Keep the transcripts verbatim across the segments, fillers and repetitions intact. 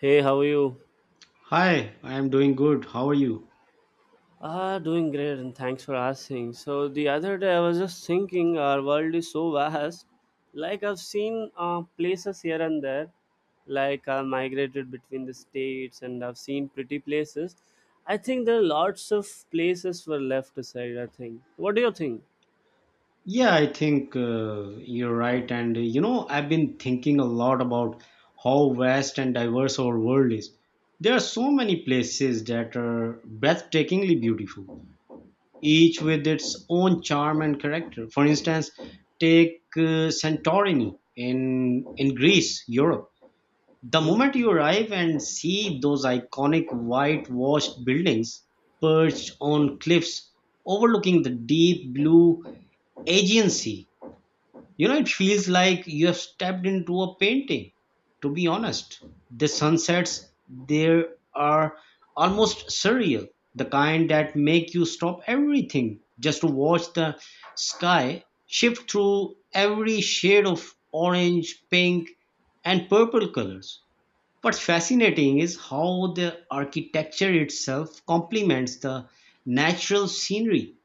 Hey, how are you? Hi, I'm doing good. How are you? Ah, doing great, and thanks for asking. So the other day, I was just thinking, our world is so vast. Like I've seen uh, places here and there, like I migrated between the states, and I've seen pretty places. I think there are lots of places were left aside. I think. What do you think? Yeah, I think uh, you're right. And uh, you know, I've been thinking a lot about how vast and diverse our world is. There are so many places that are breathtakingly beautiful, each with its own charm and character. For instance, take uh, Santorini in in Greece, Europe. The Hmm? moment you arrive and see those iconic whitewashed buildings perched on cliffs overlooking the deep blue Aegean Sea, you know, it feels like you have stepped into a painting. To be honest, the sunsets there are almost surreal, the kind that make you stop everything just to watch the sky shift through every shade of orange, pink, and purple colors. What's fascinating is how the architecture itself complements the natural scenery,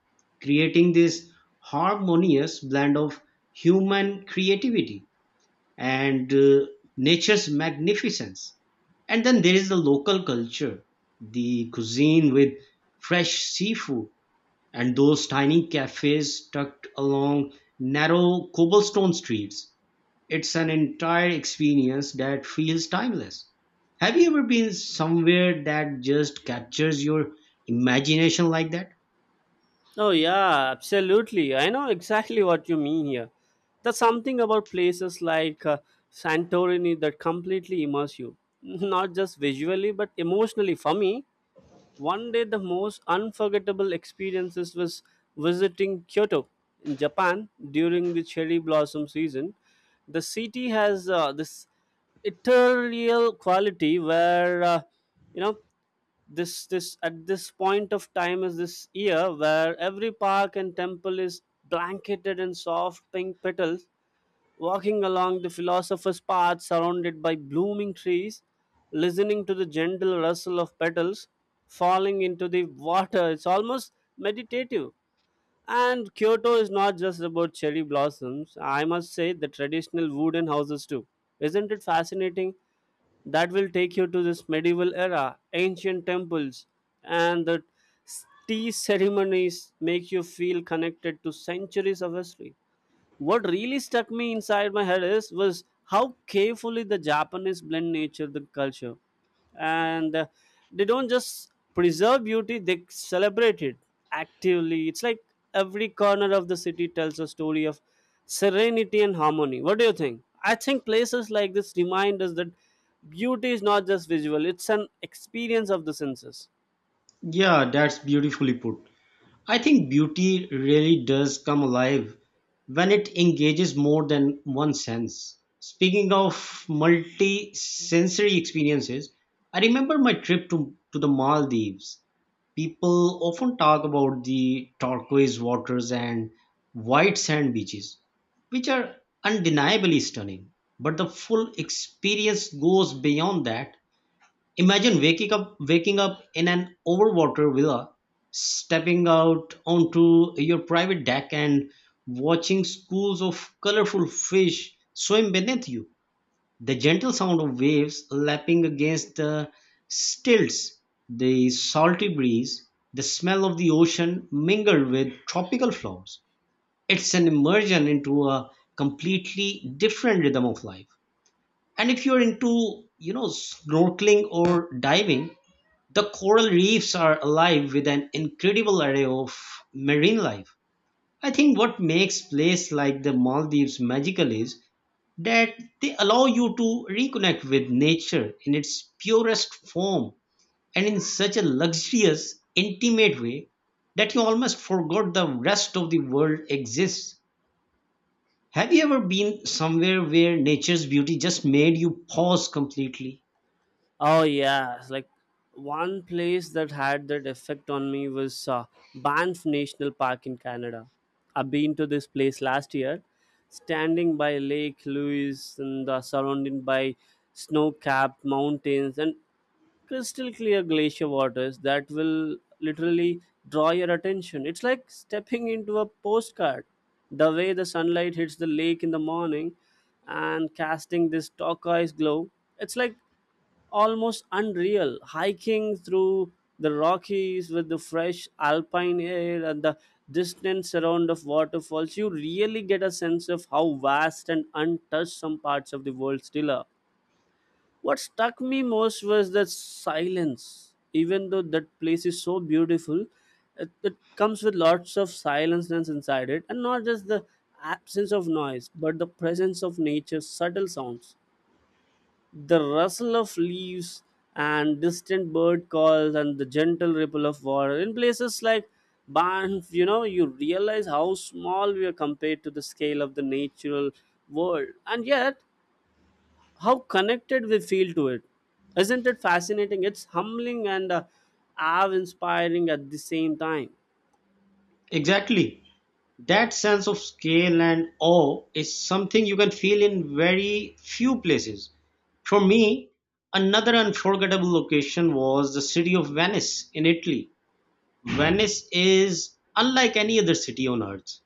creating this harmonious blend of human creativity and uh, nature's magnificence. And then there is the local culture, the cuisine with fresh seafood and those tiny cafes tucked along narrow cobblestone streets, it's an entire experience that feels timeless. Have you ever been somewhere that just captures your imagination like that? Oh, yeah, absolutely. I know exactly what you mean here. There's something about places like uh, Santorini that completely immerse you, not just visually, but emotionally for me. One day, the most unforgettable experiences was visiting Kyoto in Japan during the cherry blossom season. The city has uh, this ethereal quality where uh, you know this this at this point of time is this year where every park and temple is blanketed in soft pink petals, walking along the philosopher's path surrounded by blooming trees, listening to the gentle rustle of petals falling into the water. It's almost meditative. And Kyoto is not just about cherry blossoms. I must say the traditional wooden houses too. Isn't it fascinating? That will take you to this medieval era, ancient temples, and the tea ceremonies make you feel connected to centuries of history. What really stuck me inside my head is was how carefully the Japanese blend nature the culture, and uh, they don't just preserve beauty; they celebrate it actively. It's like every corner of the city tells a story of serenity and harmony. What do you think? I think places like this remind us that beauty is not just visual; it's an experience of the senses. Yeah, that's beautifully put. I think beauty really does come alive when it engages more than one sense. Speaking of multi sensory experiences, I remember my trip to, to the Maldives. People often talk about the turquoise waters and white sand beaches, which are undeniably stunning. But the full experience goes beyond that. Imagine waking up waking up in an overwater villa, stepping out onto your private deck and watching schools of colorful fish swim beneath you. The gentle sound of waves lapping against the stilts, the salty breeze, the smell of the ocean mingled with tropical flowers. It's an immersion into a completely different rhythm of life. And if you're into, you know, snorkeling or diving, the coral reefs are alive with an incredible array of marine life. I think what makes places like the Maldives magical is that they allow you to reconnect with nature in its purest form and in such a luxurious, intimate way that you almost forgot the rest of the world exists. Have you ever been somewhere where nature's beauty just made you pause completely? Oh yeah, it's like one place that had that effect on me was uh, Banff National Park in Canada. I've been to this place last year, standing by Lake Louise and uh, surrounded by snow-capped mountains and crystal clear glacier waters that will literally draw your attention. It's like stepping into a postcard. The way the sunlight hits the lake in the morning and casting this turquoise glow, it's like almost unreal, hiking through the rockies with the fresh alpine air and the distant surround of waterfalls. You really get a sense of how vast and untouched some parts of the world still are. What struck me most was the silence. Even though that place is so beautiful, it, it comes with lots of silenceness inside it, and not just the absence of noise but the presence of nature's subtle sounds, the rustle of leaves and distant bird calls and the gentle ripple of water. In places like Banff, you know, you realize how small we are compared to the scale of the natural world, and yet how connected we feel to it. Isn't it fascinating? It's humbling and uh, awe inspiring at the same time. Exactly. That sense of scale and awe is something you can feel in very few places. For me, another unforgettable location was the city of Venice in Italy. Venice is unlike any other city on Earth,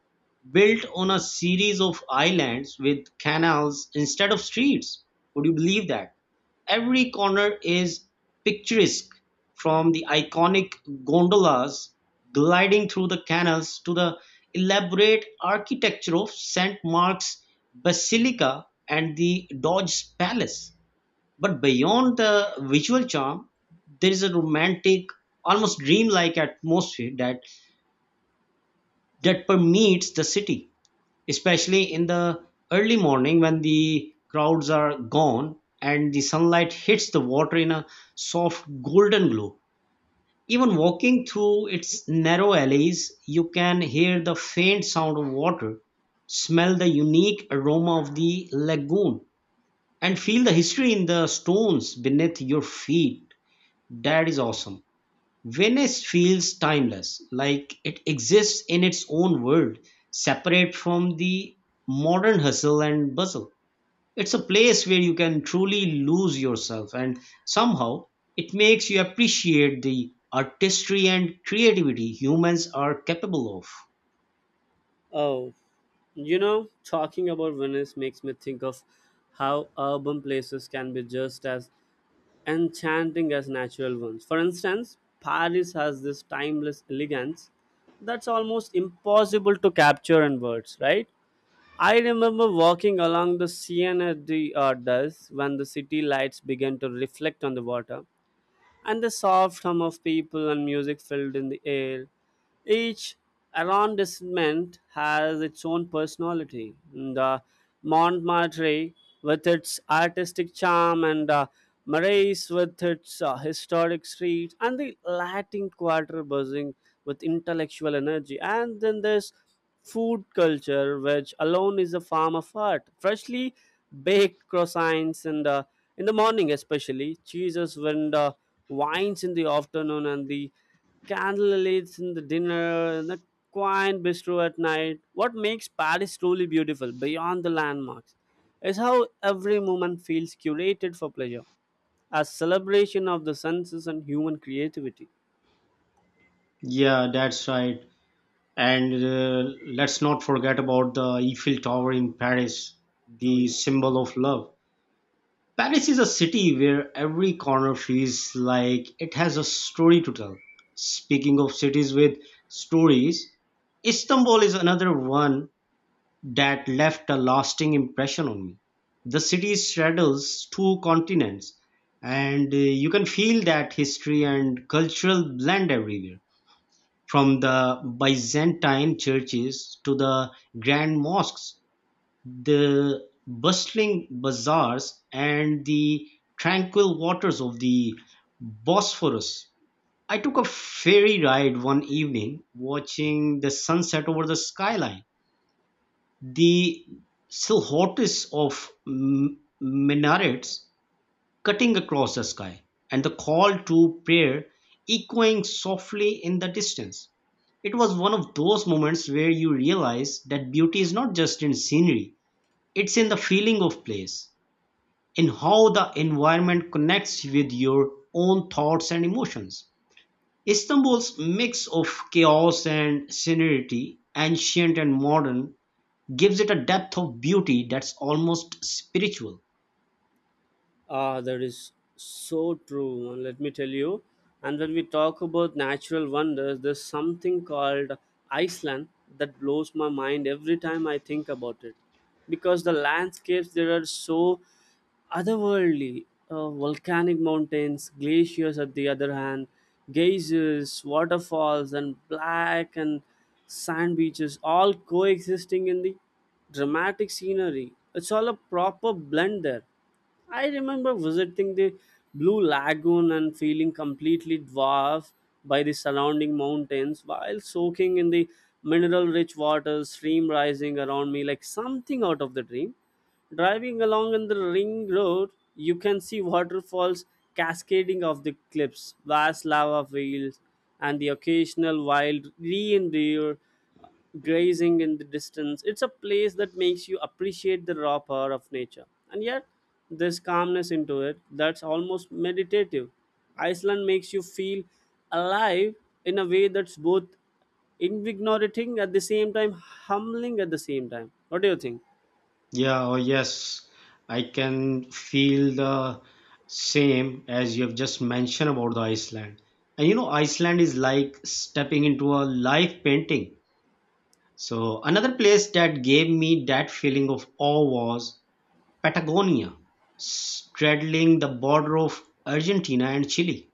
built on a series of islands with canals instead of streets. Would you believe that? Every corner is picturesque, from the iconic gondolas gliding through the canals to the elaborate architecture of Saint Mark's Basilica and the Doge's Palace. But beyond the visual charm, there is a romantic, almost dreamlike atmosphere that that permeates the city, especially in the early morning when the crowds are gone and the sunlight hits the water in a soft golden glow. Even walking through its narrow alleys, you can hear the faint sound of water, smell the unique aroma of the lagoon, and feel the history in the stones beneath your feet. That is awesome. Venice feels timeless, like it exists in its own world, separate from the modern hustle and bustle. It's a place where you can truly lose yourself, and somehow it makes you appreciate the artistry and creativity humans are capable of. Oh, you know, talking about Venice makes me think of how urban places can be just as enchanting as natural ones. For instance, Paris has this timeless elegance that's almost impossible to capture in words, right? I remember walking along the Seine de uh, Does, when the city lights began to reflect on the water, and the soft hum of people and music filled in the air. Each arrondissement has its own personality. The Montmartre, with its artistic charm, and uh, Marais, with its uh, historic streets, and the Latin Quarter buzzing with intellectual energy. And then there's food culture, which alone is a form of art. Freshly baked croissants and uh, in the morning, especially cheeses when the wines in the afternoon and the candlelights in the dinner and the quiet bistro at night. What makes Paris truly beautiful beyond the landmarks is how every moment feels curated for pleasure, a celebration of the senses and human creativity. Yeah, that's right. And uh, let's not forget about the Eiffel Tower in Paris, Oh the yeah. symbol of love. Paris is a city where every corner feels like it has a story to tell. Speaking of cities with stories, Istanbul is another one that left a lasting impression on me. The city straddles two continents, and uh, you can feel that history and cultural blend everywhere, from the Byzantine churches to the grand mosques, the bustling bazaars and the tranquil waters of the Bosphorus. I took a ferry ride one evening, watching the sunset over the skyline. The silhouettes of m- minarets cutting across the sky, and the call to prayer echoing softly in the distance. It was one of those moments where you realize that beauty is not just in scenery, it's in the feeling of place, in how the environment connects with your own thoughts and emotions. Istanbul's mix of chaos and serenity, ancient and modern, gives it a depth of beauty that's almost spiritual. Ah, that is so true. Let me tell you. And when we talk about natural wonders, there's something called Iceland that blows my mind every time I think about it. Because the landscapes there are so otherworldly. Uh, volcanic mountains, glaciers at the other hand, geysers, waterfalls, and black and sand beaches all coexisting in the dramatic scenery. It's all a proper blend there. I remember visiting the Blue Lagoon and feeling completely dwarfed by the surrounding mountains while soaking in the mineral rich waters, stream rising around me like something out of the dream. Driving along on the ring road, you can see waterfalls cascading off the cliffs, vast lava fields, and the occasional wild reindeer grazing in the distance. It's a place that makes you appreciate the raw power of nature. And yet, there's calmness into it that's almost meditative. Iceland makes you feel alive in a way that's both invigorating at the same time, humbling at the same time. What do you think? Yeah, oh yes, I can feel the same as you have just mentioned about the Iceland. And you know, Iceland is like stepping into a live painting. So another place that gave me that feeling of awe was Patagonia, straddling the border of Argentina and Chile.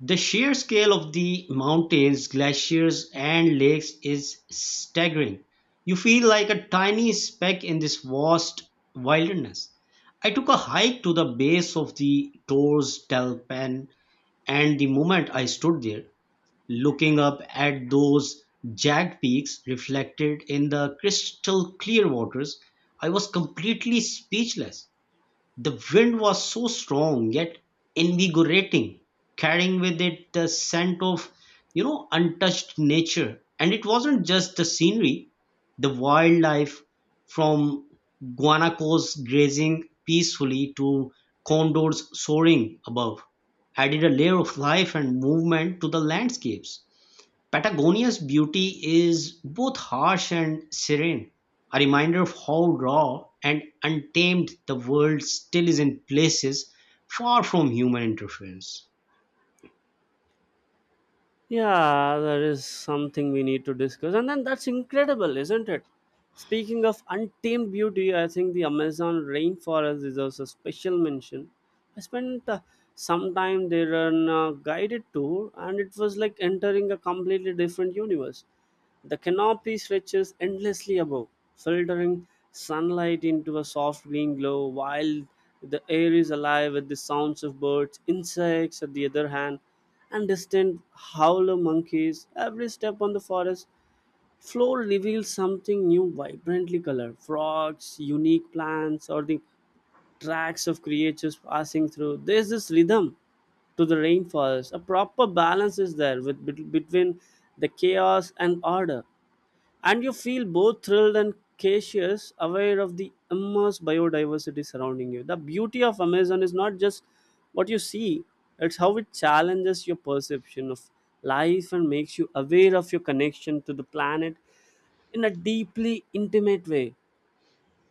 The sheer scale of the mountains, glaciers, and lakes is staggering. You feel like a tiny speck in this vast wilderness. I took a hike to the base of the Torres del Paine, and the moment I stood there, looking up at those jagged peaks reflected in the crystal clear waters, I was completely speechless. The wind was so strong yet invigorating, carrying with it the scent of, you know, untouched nature. And it wasn't just the scenery, the wildlife from guanacos grazing peacefully to condors soaring above added a layer of life and movement to the landscapes. Patagonia's beauty is both harsh and serene, a reminder of how raw and untamed the world still is in places far from human interference. Yeah, there is something we need to discuss. And then that's incredible, isn't it? Speaking of untamed beauty, I think the Amazon rainforest deserves a special mention. I spent uh, some time there on a guided tour, and it was like entering a completely different universe. The canopy stretches endlessly above, filtering sunlight into a soft green glow, while the air is alive with the sounds of birds, insects at the other hand, and distant howler monkeys. Every step on the forest floor reveals something new, vibrantly colored frogs, unique plants, or the tracks of creatures passing through. There's this rhythm to the rainforest. A proper balance is there with bet- between the chaos and order. And you feel both thrilled and cautious, aware of the immense biodiversity surrounding you. The beauty of Amazon is not just what you see, it's how it challenges your perception of life and makes you aware of your connection to the planet in a deeply intimate way.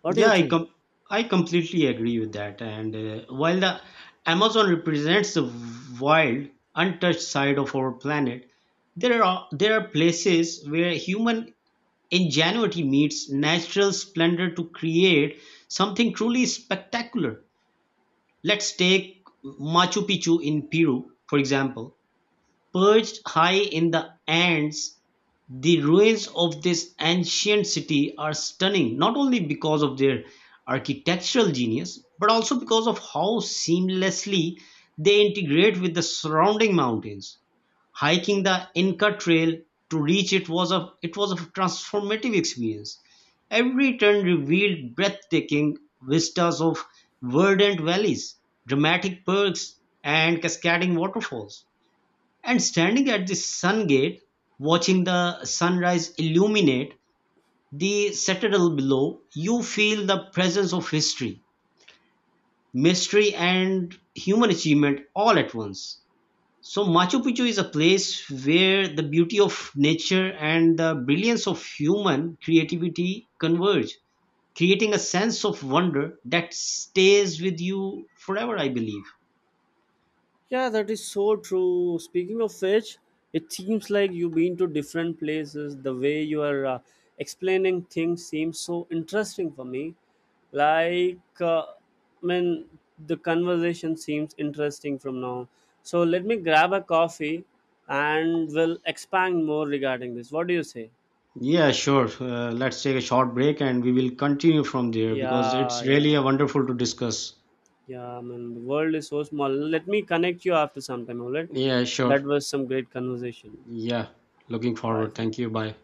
What do you Yeah, I think? com- I completely agree with that. And uh, while the Amazon represents the wild, untouched side of our planet, there are there are places where human ingenuity meets natural splendor to create something truly spectacular. Let's take Machu Picchu in Peru, for example. Perched high in the Andes, the ruins of this ancient city are stunning, not only because of their architectural genius, but also because of how seamlessly they integrate with the surrounding mountains. Hiking the Inca Trail to reach it was a it was a transformative experience. Every turn revealed breathtaking vistas of verdant valleys, dramatic perks, and cascading waterfalls. And standing at the sun gate, watching the sunrise illuminate the citadel below, you feel the presence of history, mystery, and human achievement all at once. So Machu Picchu is a place where the beauty of nature and the brilliance of human creativity converge, creating a sense of wonder that stays with you forever, I believe. Yeah, that is so true. Speaking of which, it seems like you've been to different places. The way you are uh, explaining things seems so interesting for me. Like, uh, I mean, the conversation seems interesting from now. So let me grab a coffee and we'll expand more regarding this. What do you say? Yeah, sure. Uh, let's take a short break and we will continue from there because Yeah, it's really yeah, a wonderful to discuss. yeah. I mean, the world is so small. Let me connect you after some time, all right? Yeah, sure. That was some great conversation. Yeah, looking Bye. forward. Thank you. Bye.